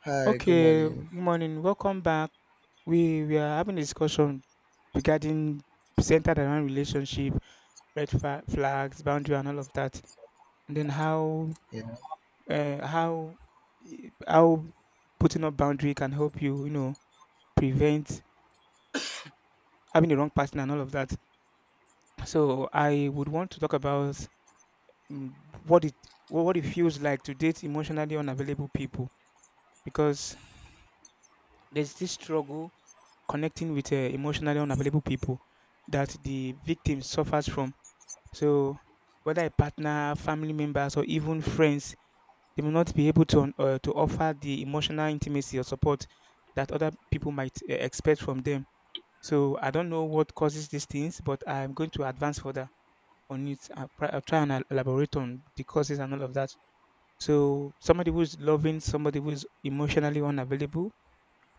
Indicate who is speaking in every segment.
Speaker 1: Hi, good
Speaker 2: Okay,
Speaker 1: morning.
Speaker 2: morning. Welcome back. We are having a discussion regarding centered around relationship, red flags, boundary, and all of that, and then
Speaker 1: Yeah,
Speaker 2: uh, how how putting up boundary can help you prevent having the wrong partner and all of that. So I would want to talk about mm, what it what it feels like to date emotionally unavailable people because there's this struggle connecting with emotionally unavailable people that the victim suffers from. So, whether a partner, family members, or even friends, they may not be able to to offer the emotional intimacy or support that other people might expect from them. So, I don't know what causes these things, but I'm going to advance further on it. I'll try and elaborate on the causes and all of that. So, somebody who is loving, somebody who is emotionally unavailable,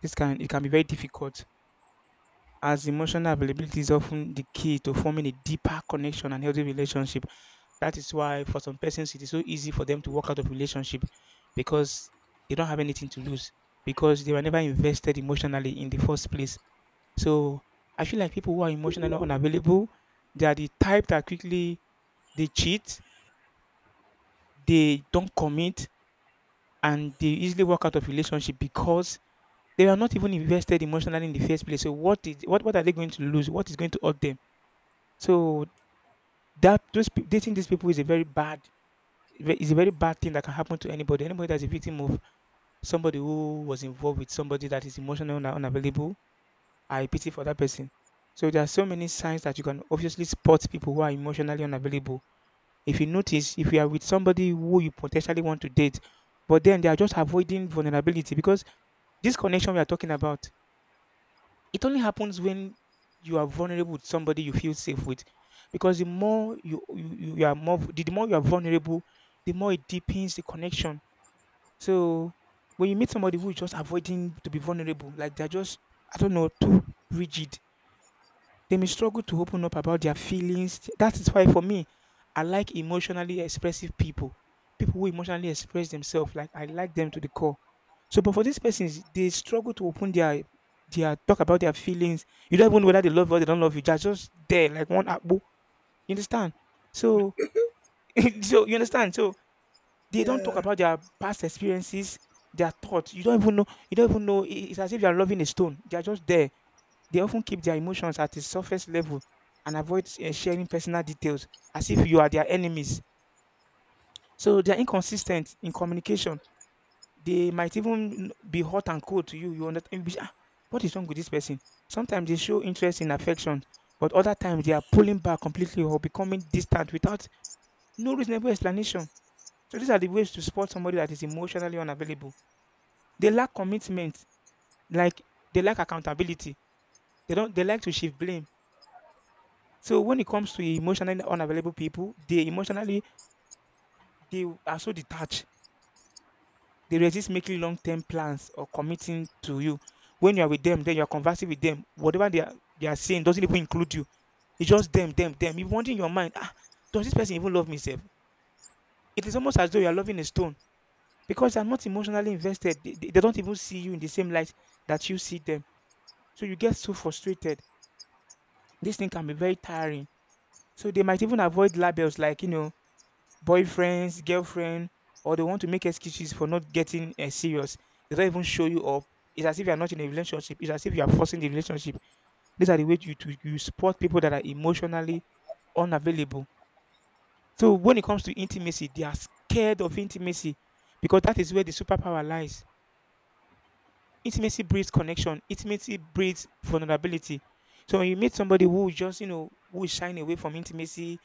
Speaker 2: this can it can be very difficult as emotional availability is often the key to forming a deeper connection and healthy relationship. That is why for some persons it is so easy for them to walk out of relationship because they don't have anything to lose because they were never invested emotionally in the first place. So I feel like people who are emotionally unavailable, they are the type that quickly they cheat, they don't commit, and they easily walk out of relationship because they are not even invested emotionally in the first place. So what is what are they going to lose? What is going to hurt them? So dating these people is a very bad thing that can happen to anybody. Anybody that's a victim of somebody who was involved with somebody that is emotional and unavailable, I pity for that person. So there are so many signs that you can obviously spot people who are emotionally unavailable. If you notice, if you are with somebody who you potentially want to date, but then they are just avoiding vulnerability because this connection we are talking about it only happens when you are vulnerable with somebody you feel safe with, because the more you you, you you are more the more you are vulnerable, the more it deepens the connection. So when you meet somebody who is just avoiding to be vulnerable, like they're just I don't know, too rigid, they may struggle to open up about their feelings. That is why for me, I like emotionally expressive people. People who emotionally express themselves, like I like them to the core. So, but for these persons, they struggle to open their talk about their feelings. You don't even know whether they love you or they don't love you. They're just there, like one apple. You understand? So, so you understand? So they don't talk
Speaker 1: yeah,
Speaker 2: about their past experiences, their thoughts. You don't even know. You don't even know. It's as if you are loving a stone. They are just there. They often keep their emotions at the surface level and avoid sharing personal details as if you are their enemies. So they are inconsistent in communication. They might even be hot and cold to you. You understand? You'll be, "Ah, what is wrong with this person? Sometimes they show interest in affection, but other times they are pulling back completely or becoming distant without no reasonable explanation." So these are the ways to spot somebody that is emotionally unavailable. They lack commitment, like they lack accountability. They don't. They like to shift blame. So when it comes to emotionally unavailable people, they are so detached. They resist making long-term plans or committing to you. When you are with them, then you are conversing with them. Whatever they are saying doesn't even include you. It's just them, them, them. You wonder in your mind, ah, does this person even love me? Self? It is almost as though you are loving a stone because they are not emotionally invested. They don't even see you in the same light that you see them. So you get so frustrated. This thing can be very tiring. So they might even avoid labels like boyfriends, girlfriend, or they want to make excuses for not getting serious. They don't even show you up. It's as if you are not in a relationship. It's as if you are forcing the relationship. These are the ways you support people that are emotionally unavailable. So when it comes to intimacy, they are scared of intimacy because that is where the superpower lies. Intimacy breeds connection. Intimacy breeds vulnerability. So when you meet somebody who is just, you know, who is shying away from intimacy,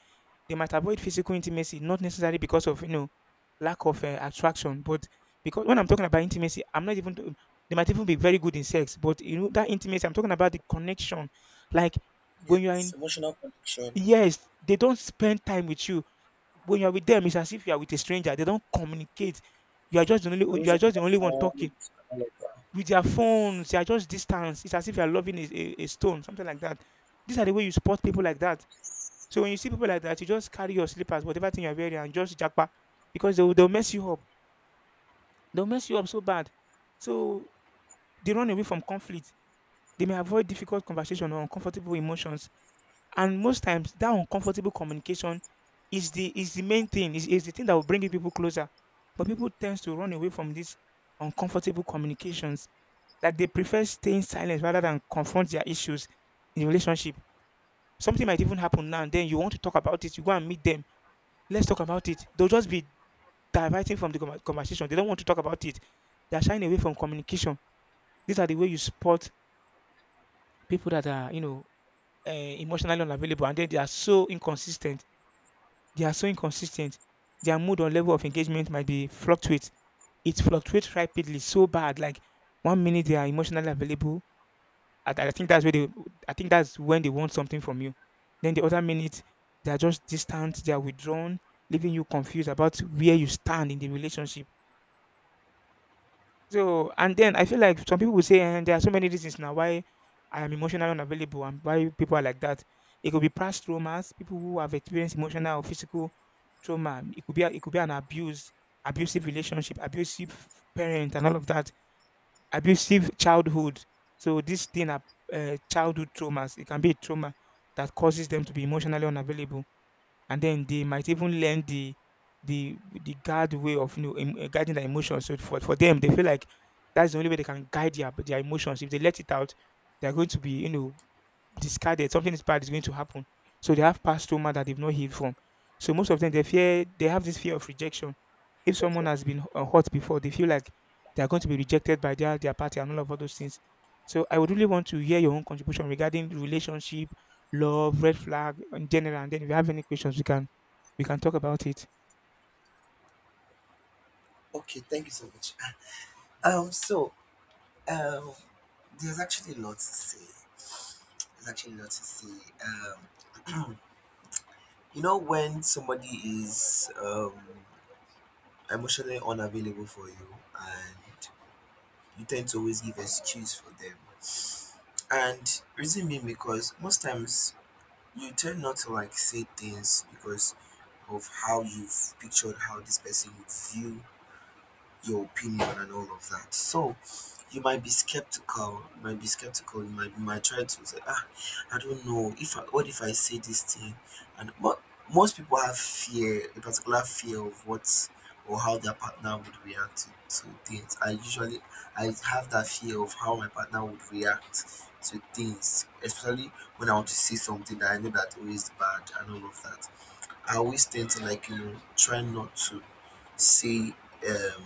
Speaker 2: they might avoid physical intimacy, not necessarily because of, you know, lack of attraction, but because when I'm talking about intimacy, I'm not even, t- they might even be very good in sex, but you know, that intimacy, I'm talking about the connection. Like when you're
Speaker 1: yes,
Speaker 2: in,
Speaker 1: emotional connection.
Speaker 2: yes, they don't spend time with you. When you're with them, it's as if you are with a stranger. They don't communicate. You
Speaker 1: Always
Speaker 2: are
Speaker 1: on
Speaker 2: just the
Speaker 1: my
Speaker 2: only one talking
Speaker 1: phone, all of that.
Speaker 2: with their phones, they are just distance. It's as if you are loving a stone, something like that. These are the way you support people like that. So when you see people like that, you just carry your slippers, whatever thing you're wearing, and just jackpa because they'll mess you up. They'll mess you up so bad. So they run away from conflict. They may avoid difficult conversation or uncomfortable emotions. And most times that uncomfortable communication is the main thing, is the thing that will bring you people closer. But people tends to run away from these uncomfortable communications that they prefer staying silent rather than confront their issues in relationship. Something might even happen now and then you want to talk about it, you go and meet them. Let's talk about it. They'll just be diverting from the conversation. They don't want to talk about it. They're shying away from communication. These are the way you spot people that are, you know, emotionally unavailable, and then they are so inconsistent. Their mood or level of engagement might be fluctuate. It fluctuates rapidly, so bad. Like one minute they are emotionally available. I think that's where they. I think that's when they want something from you. Then the other minute they are just distant. They are withdrawn, leaving you confused about where you stand in the relationship. So and then I feel like some people will say, and there are so many reasons now why I am emotionally unavailable and why people are like that. It could be past traumas, people who have experienced emotional or physical trauma. It could be it could be an abuse, abusive relationship, abusive parent, and all of that. Abusive childhood. So this thing are childhood traumas. It can be a trauma that causes them to be emotionally unavailable, and then they might even learn the the guard way of guiding their emotions. So for them, they feel like that's the only way they can guide their emotions. If they let it out, they're going to be discarded. Something is bad is going to happen. So they have past trauma that they've not healed from. So most of them, they fear, they have this fear of rejection. If someone
Speaker 1: Okay.
Speaker 2: has been hurt before, they feel like they are going to be rejected by their party and all those things. So I would really want to hear your own contribution regarding relationship, love, red flag in general. And then if you have any questions, we can talk about it.
Speaker 1: Okay, thank you so much. So, um, there's actually a lot to say. There's actually a lot to say. When somebody is emotionally unavailable for you, and you tend to always give excuse for them, and reason being because most times you tend not to like say things because of how you've pictured how this person would view your opinion and all of that. So you might be skeptical, you might try to say, ah, I don't know, if I, what if I say this thing? And mo most people have fear, a particular fear of what or how their partner would react to things. I have that fear of how my partner would react to things, especially when I want to say something that I know that always bad and all of that. I always tend to like try not to say um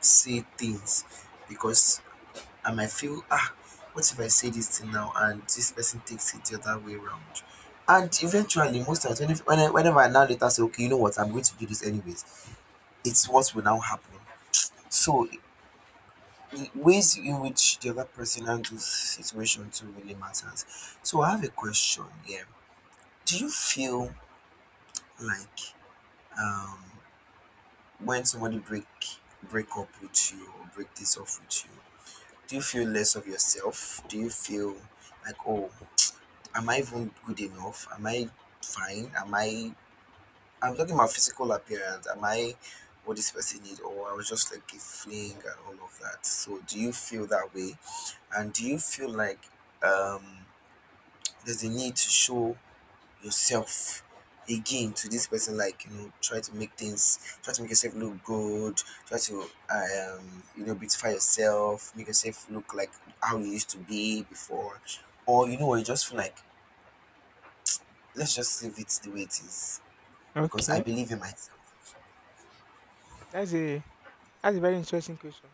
Speaker 1: say things because I might feel, ah, what if I say this thing now and this person takes it the other way around? And eventually most times when if- whenever I now later say, okay, you know what, I'm going to do this anyways, it's what will now happen. So the ways in which the other person handles situation too really matters. So I have a question here. Do you feel like, um when somebody break up with you or break this off with you, do you feel less of yourself? Do you feel like, oh, am I even good enough? Am I fine? Am I I'm talking about physical appearance. Am I what this person needs, or I was just like a fling and all of that? So do you feel that way? And do you feel like, um there's a need to show yourself again to this person, like, try to make yourself look good, try to, beautify yourself, make yourself look like how you used to be before? Or, you know what, you just feel like, let's just leave it the way it is because I
Speaker 2: Okay,
Speaker 1: believe in myself.
Speaker 2: that's a that's a very interesting question.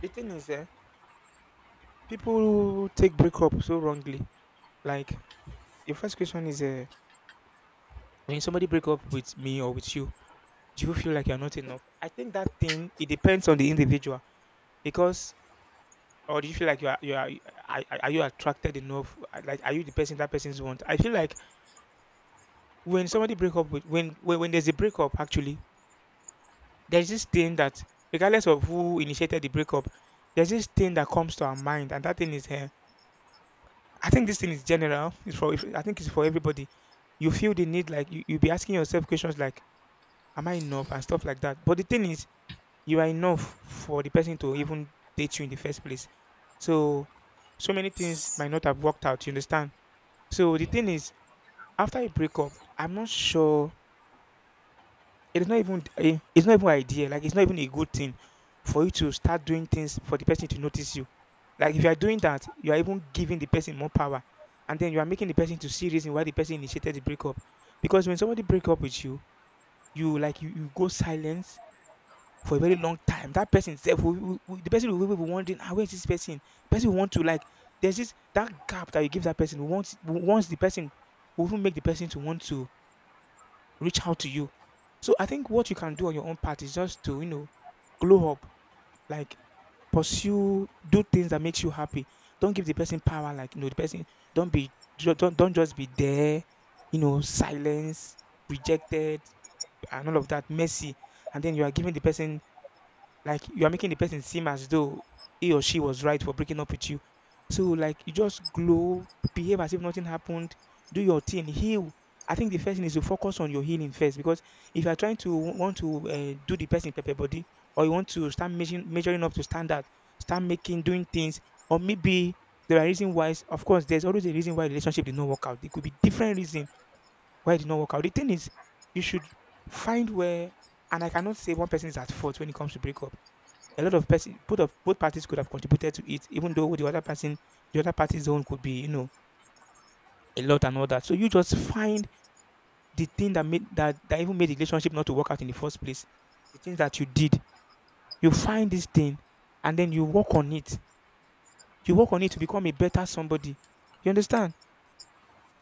Speaker 2: The thing is, people take breakup so wrongly. Like the first question is, when somebody break up with me or with you, do you feel like you're not enough? I think that thing it depends on the individual because, or do you feel like are you attracted enough? Like are you the person that person's want? I feel like when somebody break up with when there's a breakup actually, there's this thing that regardless of who initiated the breakup, there's this thing that comes to our mind, and that thing is. I think this thing is general. It's for I think it's for everybody. You feel the need like you'll be asking yourself questions like, "Am I enough?" and stuff like that. But the thing is, you are enough for the person to even date you in the first place. So so many things might not have worked out. You understand? So the thing is, after a breakup, I'm not sure it is not even a it's not even idea. It's not even a good thing for you to start doing things for the person to notice you. Like if you are doing that, you are even giving the person more power, and then you are making the person to see reason why the person initiated the breakup. Because when somebody break up with you, you like you go silence for a very long time. That person self, the person will be wondering, ah, where is this person? The person will want to like. There's this that gap that you give that person. Once the person, will even make the person to want to reach out to you. So I think what you can do on your own part is just to, you know, glow up, like pursue, do things that makes you happy. Don't give the person power, like you know, the person don't just be there, you know, silence, rejected, and all of that, messy, and then you are giving the person like you are making the person seem as though he or she was right for breaking up with you. So like you just glow, behave as if nothing happened, do your thing, heal. I think the first thing is to focus on your healing first because if you are trying to want to do the person pepper body, or you want to start measuring, up to standard, start making doing things, or maybe there are reasons why. Of course, there's always a reason why relationship did not work out. There could be different reason why it did not work out. The thing is, you should find where, and I cannot say one person is at fault when it comes to breakup. A lot of person, both parties could have contributed to it, even though the other person, the other party's own could be, you know, a lot and all that. So you just find the thing that made that even made the relationship not to work out in the first place. The things that you did. You find this thing and then you work on it. You work on it to become a better somebody. You understand?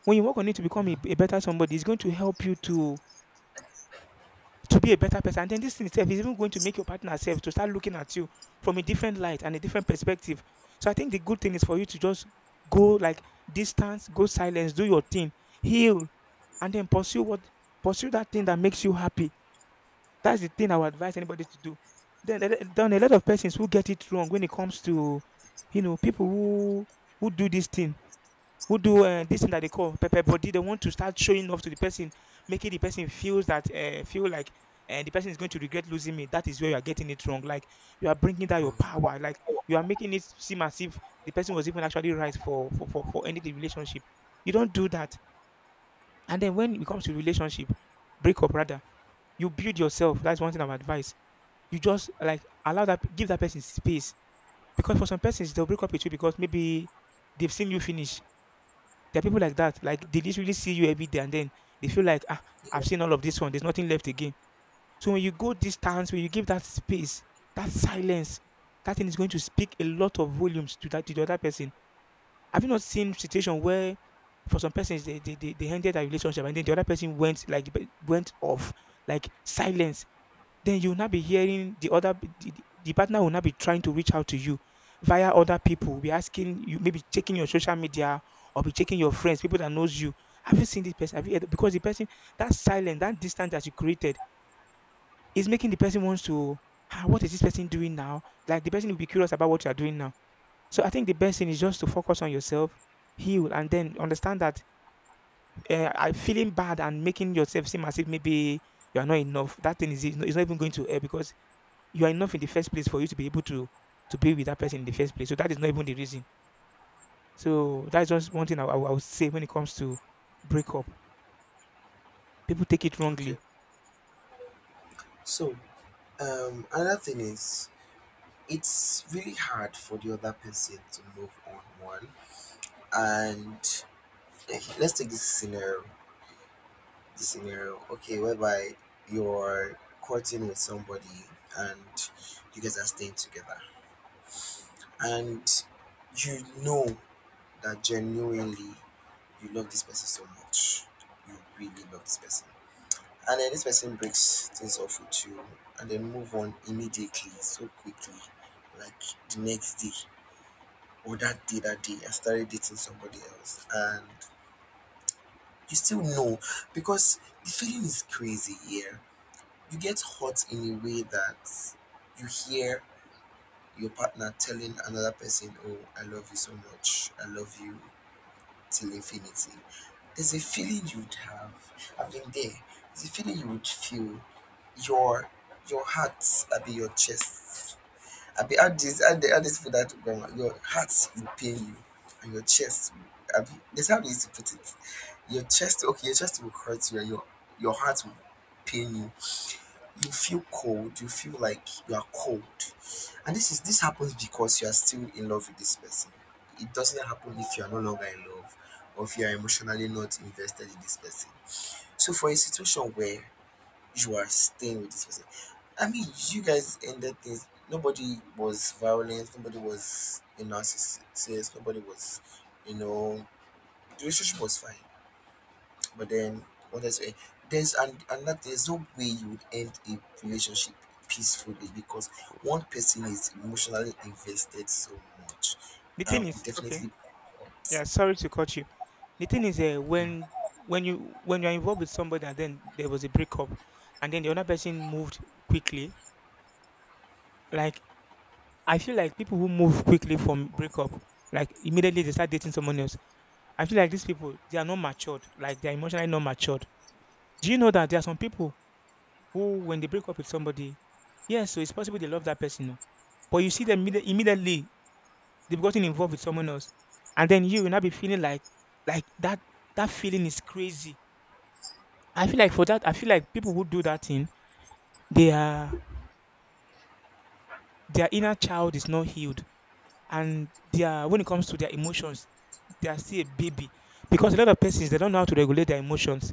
Speaker 2: When you work on it to become a,
Speaker 1: Yeah.
Speaker 2: a better somebody, it's going to help you to be a better person. And then this thing itself is even going to make your partner self to start looking at you from a different light and a different perspective. So I think the good thing is for you to just go like distance, go silence, do your thing, heal, and then pursue what, pursue that thing that makes you happy. That's the thing I would advise anybody to do. Then, a lot of persons who get it wrong when it comes to, you know, people who do this thing, who do this thing that they call pepper body. They want to start showing off to the person, making the person feels that feel like the person is going to regret losing me. That is where you are getting it wrong. Like you are bringing down your power. Like you are making it seem as if the person was even actually right for ending the relationship. You don't do that. And then when it comes to relationship, breakup rather, you build yourself. That's one thing I'm advice. You just like allow that, give that person space, because for some persons they'll break up with you because maybe they've seen you finish. There are people like that. Like they literally see you every day, and then they feel like, ah, I've seen all of this one. There's nothing left again. So when you go distance, when you give that space, that silence, that thing is going to speak a lot of volumes to that, to the other person. Have you not seen situation where, for some persons, they ended a relationship, and then the other person went like, went off, like silence, then you'll not be hearing the other, the partner will not be trying to reach out to you, via other people will be asking you, maybe checking your social media, or be checking your friends, people that knows you, have you seen this person, have you heard? Because the person, that silence, that distance that you created, is making the person wants to, ah, what is this person doing now? Like the person will be curious about what you are doing now. So I think the best thing is just to focus on yourself, heal, and then understand that, I feeling bad and making yourself seem as if maybe you're not enough, that thing is not even going to help because you are enough in the first place for you to be able to be with that person in the first place. So that is not even the reason. So that's just one thing I would say when it comes to breakup. People take it
Speaker 1: Okay,
Speaker 2: wrongly.
Speaker 1: so, another thing is, it's really hard for the other person to move on. And let's take this scenario, the scenario, okay, whereby you're courting with somebody and you guys are staying together, and you know that genuinely you love this person so much, you really love this person, and then this person breaks things off with you, and then move on immediately, so quickly, like the next day, or that day, I started dating somebody else, and you still know because the feeling is crazy here. You get hurt in a way that you hear your partner telling another person, "Oh, I love you so much. I love you till infinity." There's a feeling you'd have. I've been there. There's a feeling you would feel. Your your heart, I be your chest. I be add this add, add this for that grammar. Your heart will pain you and your chest, I be, that's how they used to put it. Your chest, okay, your chest will hurt you and your heart will pain you. You feel cold, you feel like you are cold, and this happens because you are still in love with this person. It doesn't happen if you are no longer in love, or if you are emotionally not invested in this person. So for a situation where you are staying with this person, I mean, you guys ended things, nobody was violent, nobody was a narcissist, nobody was you know the relationship was fine, but then, what I say, there's and that there's no way you would end a relationship peacefully because one person is emotionally invested so much,
Speaker 2: The thing
Speaker 1: and we
Speaker 2: is, okay,
Speaker 1: definitely,
Speaker 2: yeah, sorry to cut you. The thing is,
Speaker 1: yeah,
Speaker 2: when you when you're involved with somebody and then there was a breakup, and then the other person moved quickly. Like I feel like people who move quickly from breakup, like immediately they start dating someone else. I feel like these people they are not matured. Like they are emotionally not matured. Do you know that there are some people who, when they break up with somebody, yes, so it's possible they love that person, oh, but you see them immediately they've gotten involved with someone else, and then you will not be feeling like that. That feeling is crazy. I feel like for that, I feel like people who do that thing, they are their inner child is not healed, and they are, when it comes to their emotions, they are still a baby, because a lot of persons they don't know how to regulate their emotions.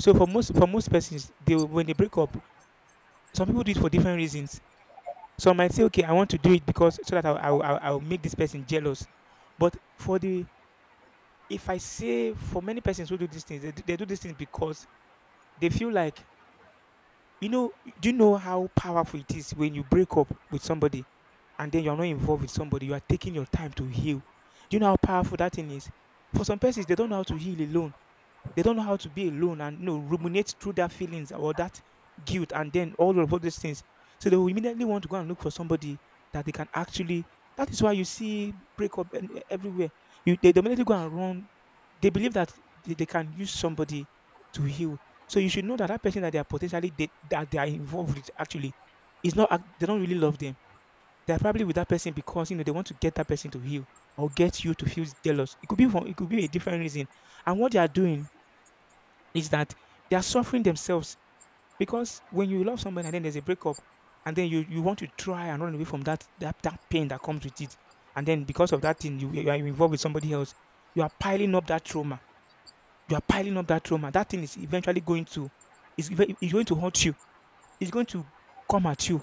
Speaker 2: So for most persons, they will- when they break up, some people do it for different reasons. So I might say, okay, I want to do it because so that I'll make this person jealous. But for the, if I say for many persons who do these things, they do these things because they feel like, you know, do you know how powerful it is when you break up with somebody and then you're not involved with somebody, you are taking your time to heal. Do you know how powerful that thing is? For some persons, they don't know how to heal alone, they don't know how to be alone and, you know, ruminate through their feelings or that guilt and then all these things. So they will immediately want to go and look for somebody that they can actually. That is why you see breakup everywhere. You they immediately go and run. They believe that they can use somebody to heal. So you should know that that person that they are that they are involved with actually is not. They don't really love them. They are probably with that person because, you know, they want to get that person to heal or get you to feel jealous. It could be from, it could be a different reason. And what they are doing is that they are suffering themselves, because when you love somebody and then there's a breakup, and then you want to try and run away from that pain that comes with it, and then because of that thing you are involved with somebody else, you are piling up that trauma, you are piling up that trauma, that thing is eventually going to is going to hurt you, it's going to come at you,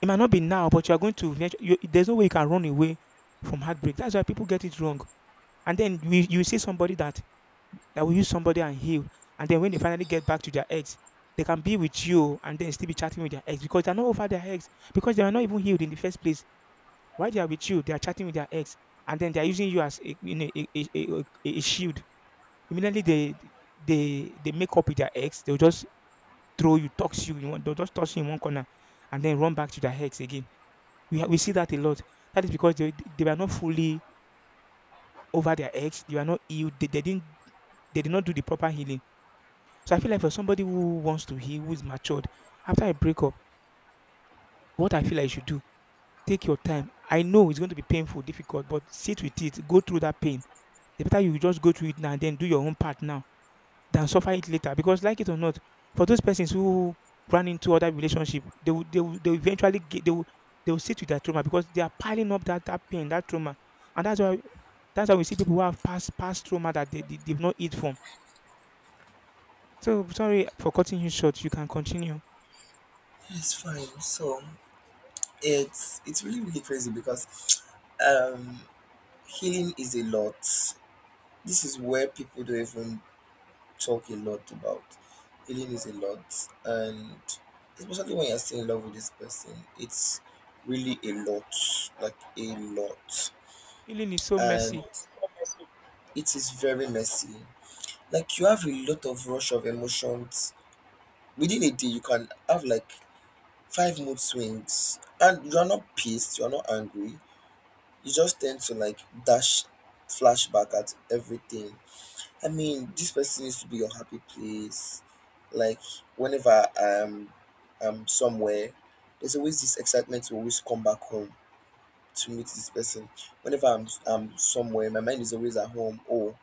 Speaker 2: it might not be now but you are going to there's no way you can run away from heartbreak. That's why people get it wrong. And then you see somebody that that will use somebody and heal. And then when they finally get back to their ex, they can be with you and then still be chatting with their ex because they're not over their ex because they are not even healed in the first place. While they are with you, they are chatting with their ex, and then they are using you as a, you know, a shield. Immediately they they make up with their ex. They'll just throw you, toss you in one. They'll just toss you in one corner, and then run back to their ex again. We see that a lot. That is because they were not fully over their ex. They were not healed. They didn't they did not do the proper healing. So I feel like for somebody who wants to heal, who's matured, after a breakup, what I feel like you should do, take your time. I know it's going to be painful, difficult, but sit with it, go through that pain. It's better you just go through it now and then do your own part now than suffer it later. Because like it or not, for those persons who run into other relationship, they will, they will, they will eventually get, they will sit with that trauma because they are piling up that pain, that trauma. And that's why we see people who have past trauma that they've not healed from. So sorry for cutting you short. You can continue.
Speaker 1: it's fine. So it's really really crazy because, um healing is a lot. This is where people don't even talk a lot about. Healing is a lot, and especially when you're still in love with this person, it's really a lot, like a lot,
Speaker 2: Healing is so
Speaker 1: and
Speaker 2: messy.
Speaker 1: it is very messy. Like, you have a lot of rush of emotions within a day. You can have like five mood swings, and you are not pissed, you are not angry. You just tend to like dash flashback at everything. I mean, this person needs to be your happy place. Like, whenever I'm somewhere, there's always this excitement to always come back home to meet this person. Whenever I'm somewhere, my mind is always at home. Oh,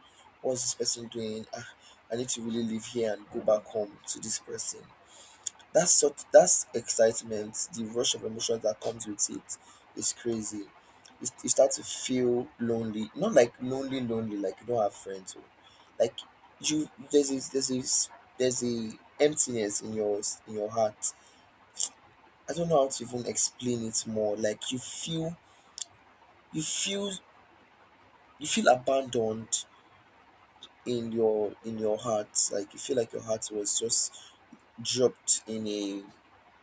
Speaker 1: what's this person doing? Ah, I need to really live here and go back home to this person. That's excitement, the rush of emotions that comes with it is crazy. You start to feel lonely, not like lonely, lonely, like you don't have friends. Oh. Like you, there's a, there's a, s- there's a emptiness in in your heart. I don't know how to even explain it more. Like, you feel, you feel abandoned in your heart. Like, you feel like your heart was just dropped in a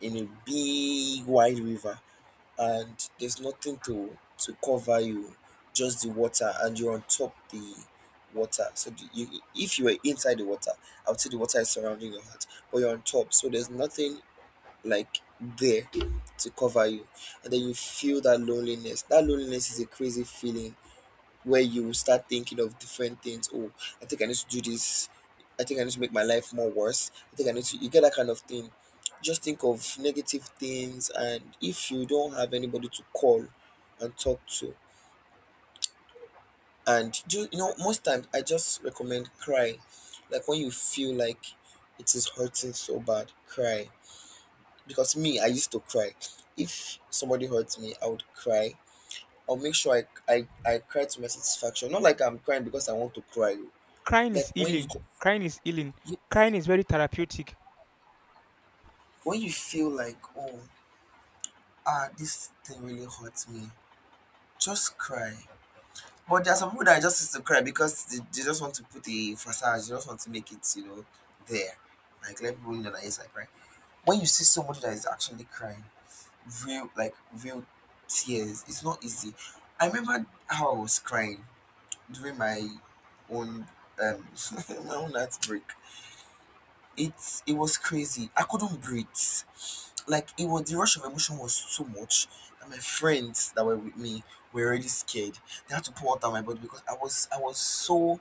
Speaker 1: in a big wide river and there's nothing to cover you, just the water, and you're on top the water. So, if you were inside the water, I would say the water is surrounding your heart, but you're on top, so there's nothing like there to cover you, and then you feel that loneliness. That loneliness is a crazy feeling where you will start thinking of different things. Oh, I think I need to do this. I think I need to make my life more worse. I think I need to, you get that kind of thing. Just think of negative things. And if you don't have anybody to call and talk to, and do, you know, most times I just recommend cry. Like, when you feel like it is hurting so bad, cry. Because me, I used to cry. If somebody hurts me, I would cry. I'll make sure I cry to my satisfaction. Not like I'm crying because I want to cry.
Speaker 2: Crying
Speaker 1: Like
Speaker 2: is healing. Crying is healing.
Speaker 1: you
Speaker 2: Crying is very therapeutic.
Speaker 1: when you feel like, oh, ah, this thing really hurts me, just cry. But there are some people that just used to cry because they just want to put a facade, they just want to make it, there. Like, let people know that, yes, like, crying. When you see somebody that is actually crying, real, like, real tears, it's not easy. I remember how I was crying during my own, um my own heartbreak. It was crazy. I couldn't breathe. Like, it was, the rush of emotion was so much that my friends that were with me were already scared. They had to pour out my body because I was so,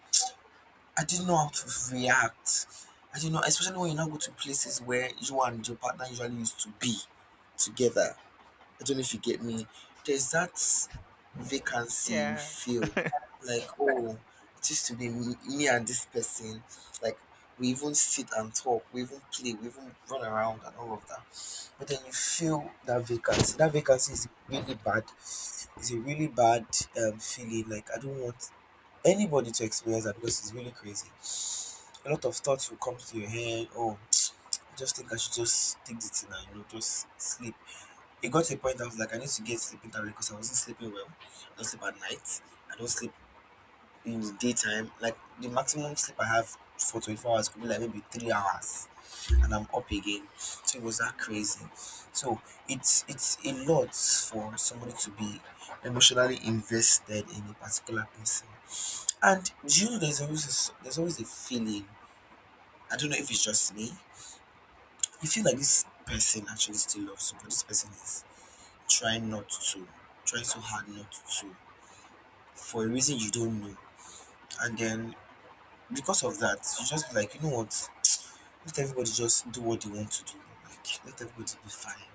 Speaker 1: I didn't know how to react. I didn't know, especially when you now go to places where you and your partner usually used to be together. I don't know if you get me. There's that vacancy you
Speaker 2: Yeah.
Speaker 1: feel like, oh, it used to be me and this person. Like, we even sit and talk, we even play, we even run around and all of that. But then you feel that vacancy. That vacancy is really bad. It's a really bad, feeling. Like, I don't want anybody to experience that because it's really crazy. A lot of thoughts will come to your head. Oh, I just think I should just take the thing and, you know, just sleep. It got to a point I was like, I need to get sleeping tablet because I wasn't sleeping well. I don't sleep at night. I don't sleep in the daytime. Like, the maximum sleep I have for 24 hours could be like maybe 3 hours, and I'm up again. So it was that crazy. So it's a lot for somebody to be emotionally invested in a particular person. And do you know, there's always a feeling. I don't know if it's just me. You feel like this person actually still loves you, but this person is try not to, try so hard not to, for a reason you don't know, and then because of that you just be like, you know what, let everybody just do what they want to do, like, let everybody be fine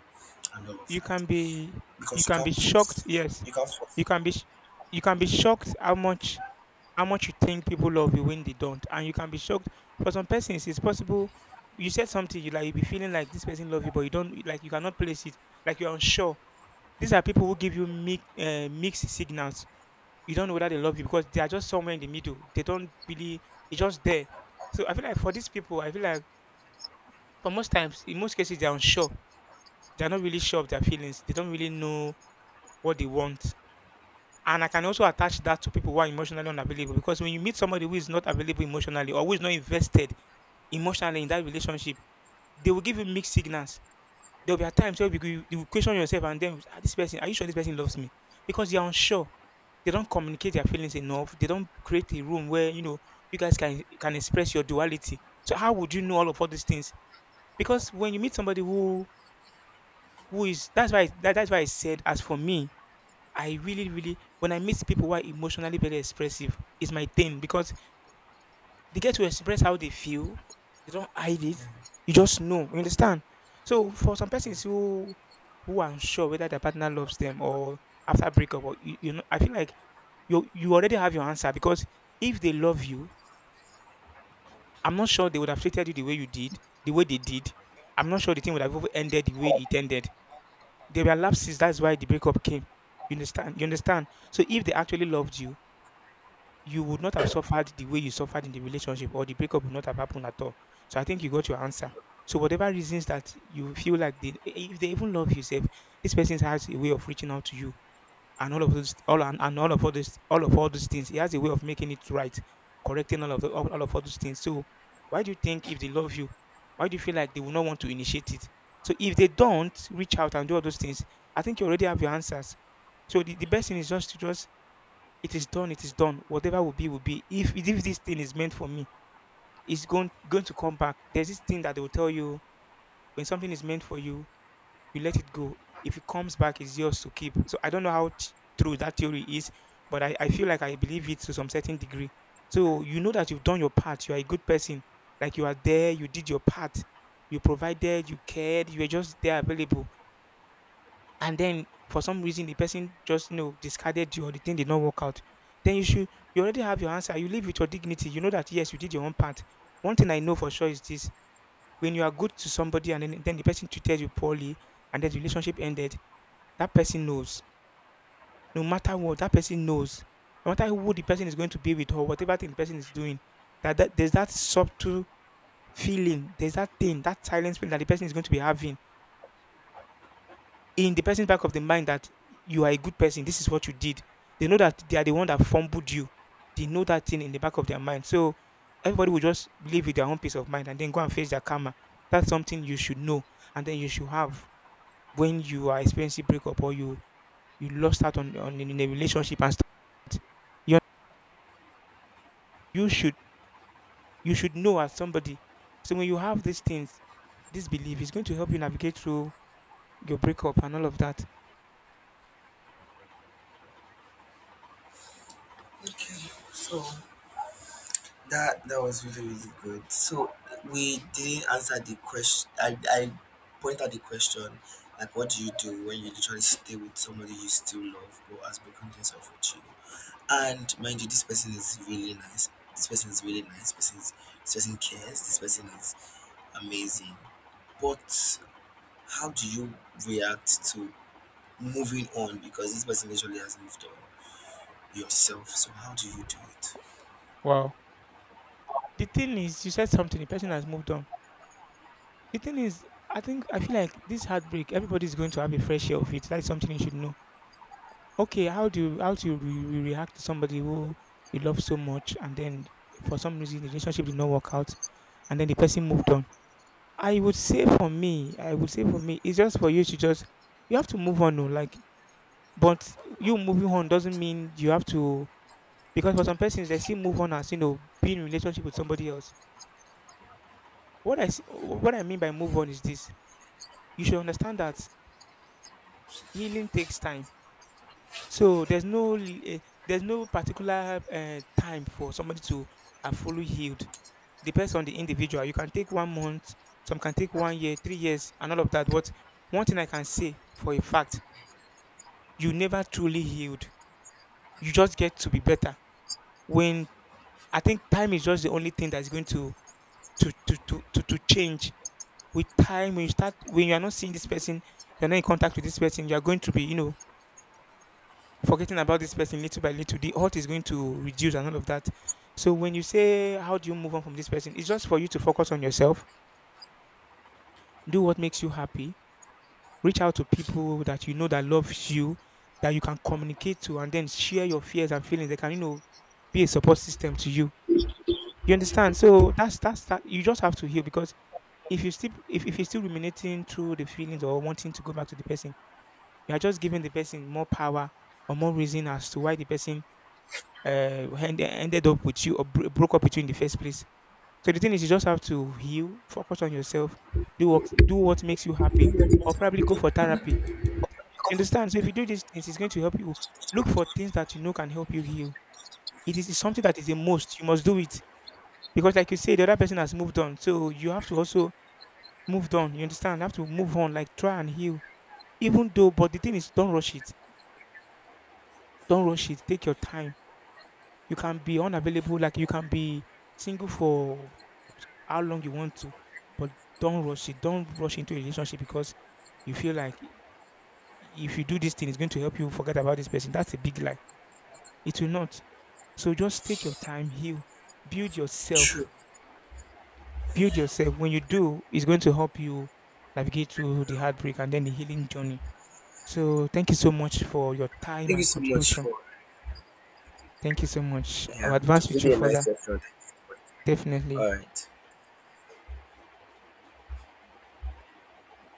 Speaker 1: and all of
Speaker 2: You
Speaker 1: that,
Speaker 2: can be you
Speaker 1: because
Speaker 2: can be shocked. Yes,
Speaker 1: you can't force.
Speaker 2: you can be sh- you can be shocked how much you think people love you when they don't, and you can be shocked for some persons. It's possible you said something you like you be feeling like this person love you, but you don't like you cannot place it. Like you're unsure. These are people who give you mixed signals. You don't know whether they love you because they are just somewhere in the middle. They don't really. It's just there. So I feel like for these people, I feel like. But most times, in most cases, they're unsure. They're not really sure of their feelings. They don't really know what they want. And I can also attach that to people who are emotionally unavailable because when you meet somebody who is not available emotionally or who is not invested emotionally in that relationship, they will give you mixed signals. There will be at times where you will question yourself and then ah, this person, are you sure this person loves me? Because they are unsure. They don't communicate their feelings enough. They don't create a room where you know you guys can express your duality. So how would you know all these things? Because when you meet somebody who is that's why that's why I said as for me, I really, really when I meet people who are emotionally very expressive, is my thing because they get to express how they feel. They don't hide it.
Speaker 1: Yeah.
Speaker 2: You just know. You understand? So for some persons who are unsure whether their partner loves them or after breakup or you know, I feel like you already have your answer because if they love you, I'm not sure they would have treated you the way you did, the way they did. I'm not sure the thing would have even ended the way it ended. There were lapses. That's why the breakup came. You understand? You understand? So if they actually loved you, you would not have suffered the way you suffered in the relationship, or the breakup would not have happened at all. So I think you got your answer. So whatever reasons that you feel like they, if they even love you, yourself, this person has a way of reaching out to you and all of those all and all of all this all of all these things. He has a way of making it right, correcting all of the, all of all these things. So why do you think if they love you, why do you feel like they will not want to initiate it? So if they don't reach out and do all those things, I think you already have your answers. So the best thing is just to just it is done, it is done. Whatever will be will be. If this thing is meant for me, it's going to come back. There's this thing that they will tell you when something is meant for you, you let it go. If it comes back, it's yours to keep. So I don't know how true that theory is, but I feel like I believe it to some certain degree. So you know that you've done your part. You are a good person. Like you are there, you did your part. You provided, you cared, you were just there available. And then for some reason the person just you know discarded you or the thing did not work out. Then you already have your answer. You live with your dignity. You know that yes, you did your own part. One thing I know for sure is this: when you are good to somebody and then the person treated you poorly and then the relationship ended, that person knows. No matter what, that person knows. No matter who the person is going to be with or whatever thing the person is doing, that there's that subtle feeling, there's that thing, that silence feeling that the person is going to be having in the person's back of the mind that you are a good person. This is what you did. They know that they are the one that fumbled you. They know that thing in the back of their mind. So everybody will just live with their own peace of mind and then go and face their karma. That's something you should know and then you should have when you are experiencing breakup or you lost out on in a relationship and stuff like that. You you should you should know as somebody. So when you have these things, this belief is going to help you navigate through your breakup and all of that.
Speaker 1: Okay, so that was really really good. So we didn't answer the question. I point out the question, like, what do you do when you literally stay with somebody you still love but has broken things off with you? And mind you, this person is really nice. This person is really nice. This person cares. This person is amazing. But how do you react to moving on, because this person usually has moved on yourself? So how do you do
Speaker 2: Wow. The thing is, you said something. The person has moved on. The thing is, I think I feel like this heartbreak. Everybody's going to have a fresh share of it. That's something you should know. Okay, how do you react to somebody who you love so much and then for some reason the relationship did not work out and then the person moved on? I would say for me, I would say for me, it's just for you to just you have to move on, oh, like but you moving on doesn't mean you have to because for some persons they still move on as you know being in relationship with somebody else. What what I mean by move on is this: you should understand that healing takes time. So there's no particular time for somebody to have fully healed. Depends on the individual. You can take 1 month, some can take 1 year, 3 years, and all of that. But one thing I can say for a fact you never truly healed. You just get to be better. When I think time is just the only thing that's going to to change. With time, when you start when you are not seeing this person, you're not in contact with this person, you are going to be, you know, forgetting about this person little by little. The hurt is going to reduce and all of that. So when you say how do you move on from this person, it's just for you to focus on yourself, do what makes you happy, reach out to people that you know that loves you, that you can communicate to and then share your fears and feelings. They can, you know, be a support system to you. You understand? So that's that. You just have to heal because if you still if you're still ruminating through the feelings or wanting to go back to the person, you are just giving the person more power or more reason as to why the person uh ended up with you or broke up with you in the first place. So the thing is, you just have to heal, focus on yourself, do what makes you happy, or probably
Speaker 1: it?
Speaker 2: go for therapy. You understand? So if you do these things, it's going to help you. Look for things that you know can help you heal. It's something that is a must. You must do it. Because like you say, the other person has moved on. So you have to also move on. You understand? Have to move on, like try and heal. Even though, but the thing is, don't rush it. Don't rush it. Take your time. You can be unavailable, like you can be single for how long you want to, but don't rush it. Don't rush into a relationship because you feel like if you do this thing, it's going to help you forget about this person. That's a big lie. It will not. So just take your time, heal, build
Speaker 1: True.
Speaker 2: yourself build yourself. When you do, it's going to help you navigate through the heartbreak and then the healing journey. So thank you so much for your time
Speaker 1: Thank you
Speaker 2: and
Speaker 1: so much
Speaker 2: contribution.
Speaker 1: for.
Speaker 2: Thank you so much. I'll
Speaker 1: Yeah, it
Speaker 2: advance
Speaker 1: was
Speaker 2: with you
Speaker 1: really a nice
Speaker 2: further.
Speaker 1: session.
Speaker 2: Definitely.
Speaker 1: All right.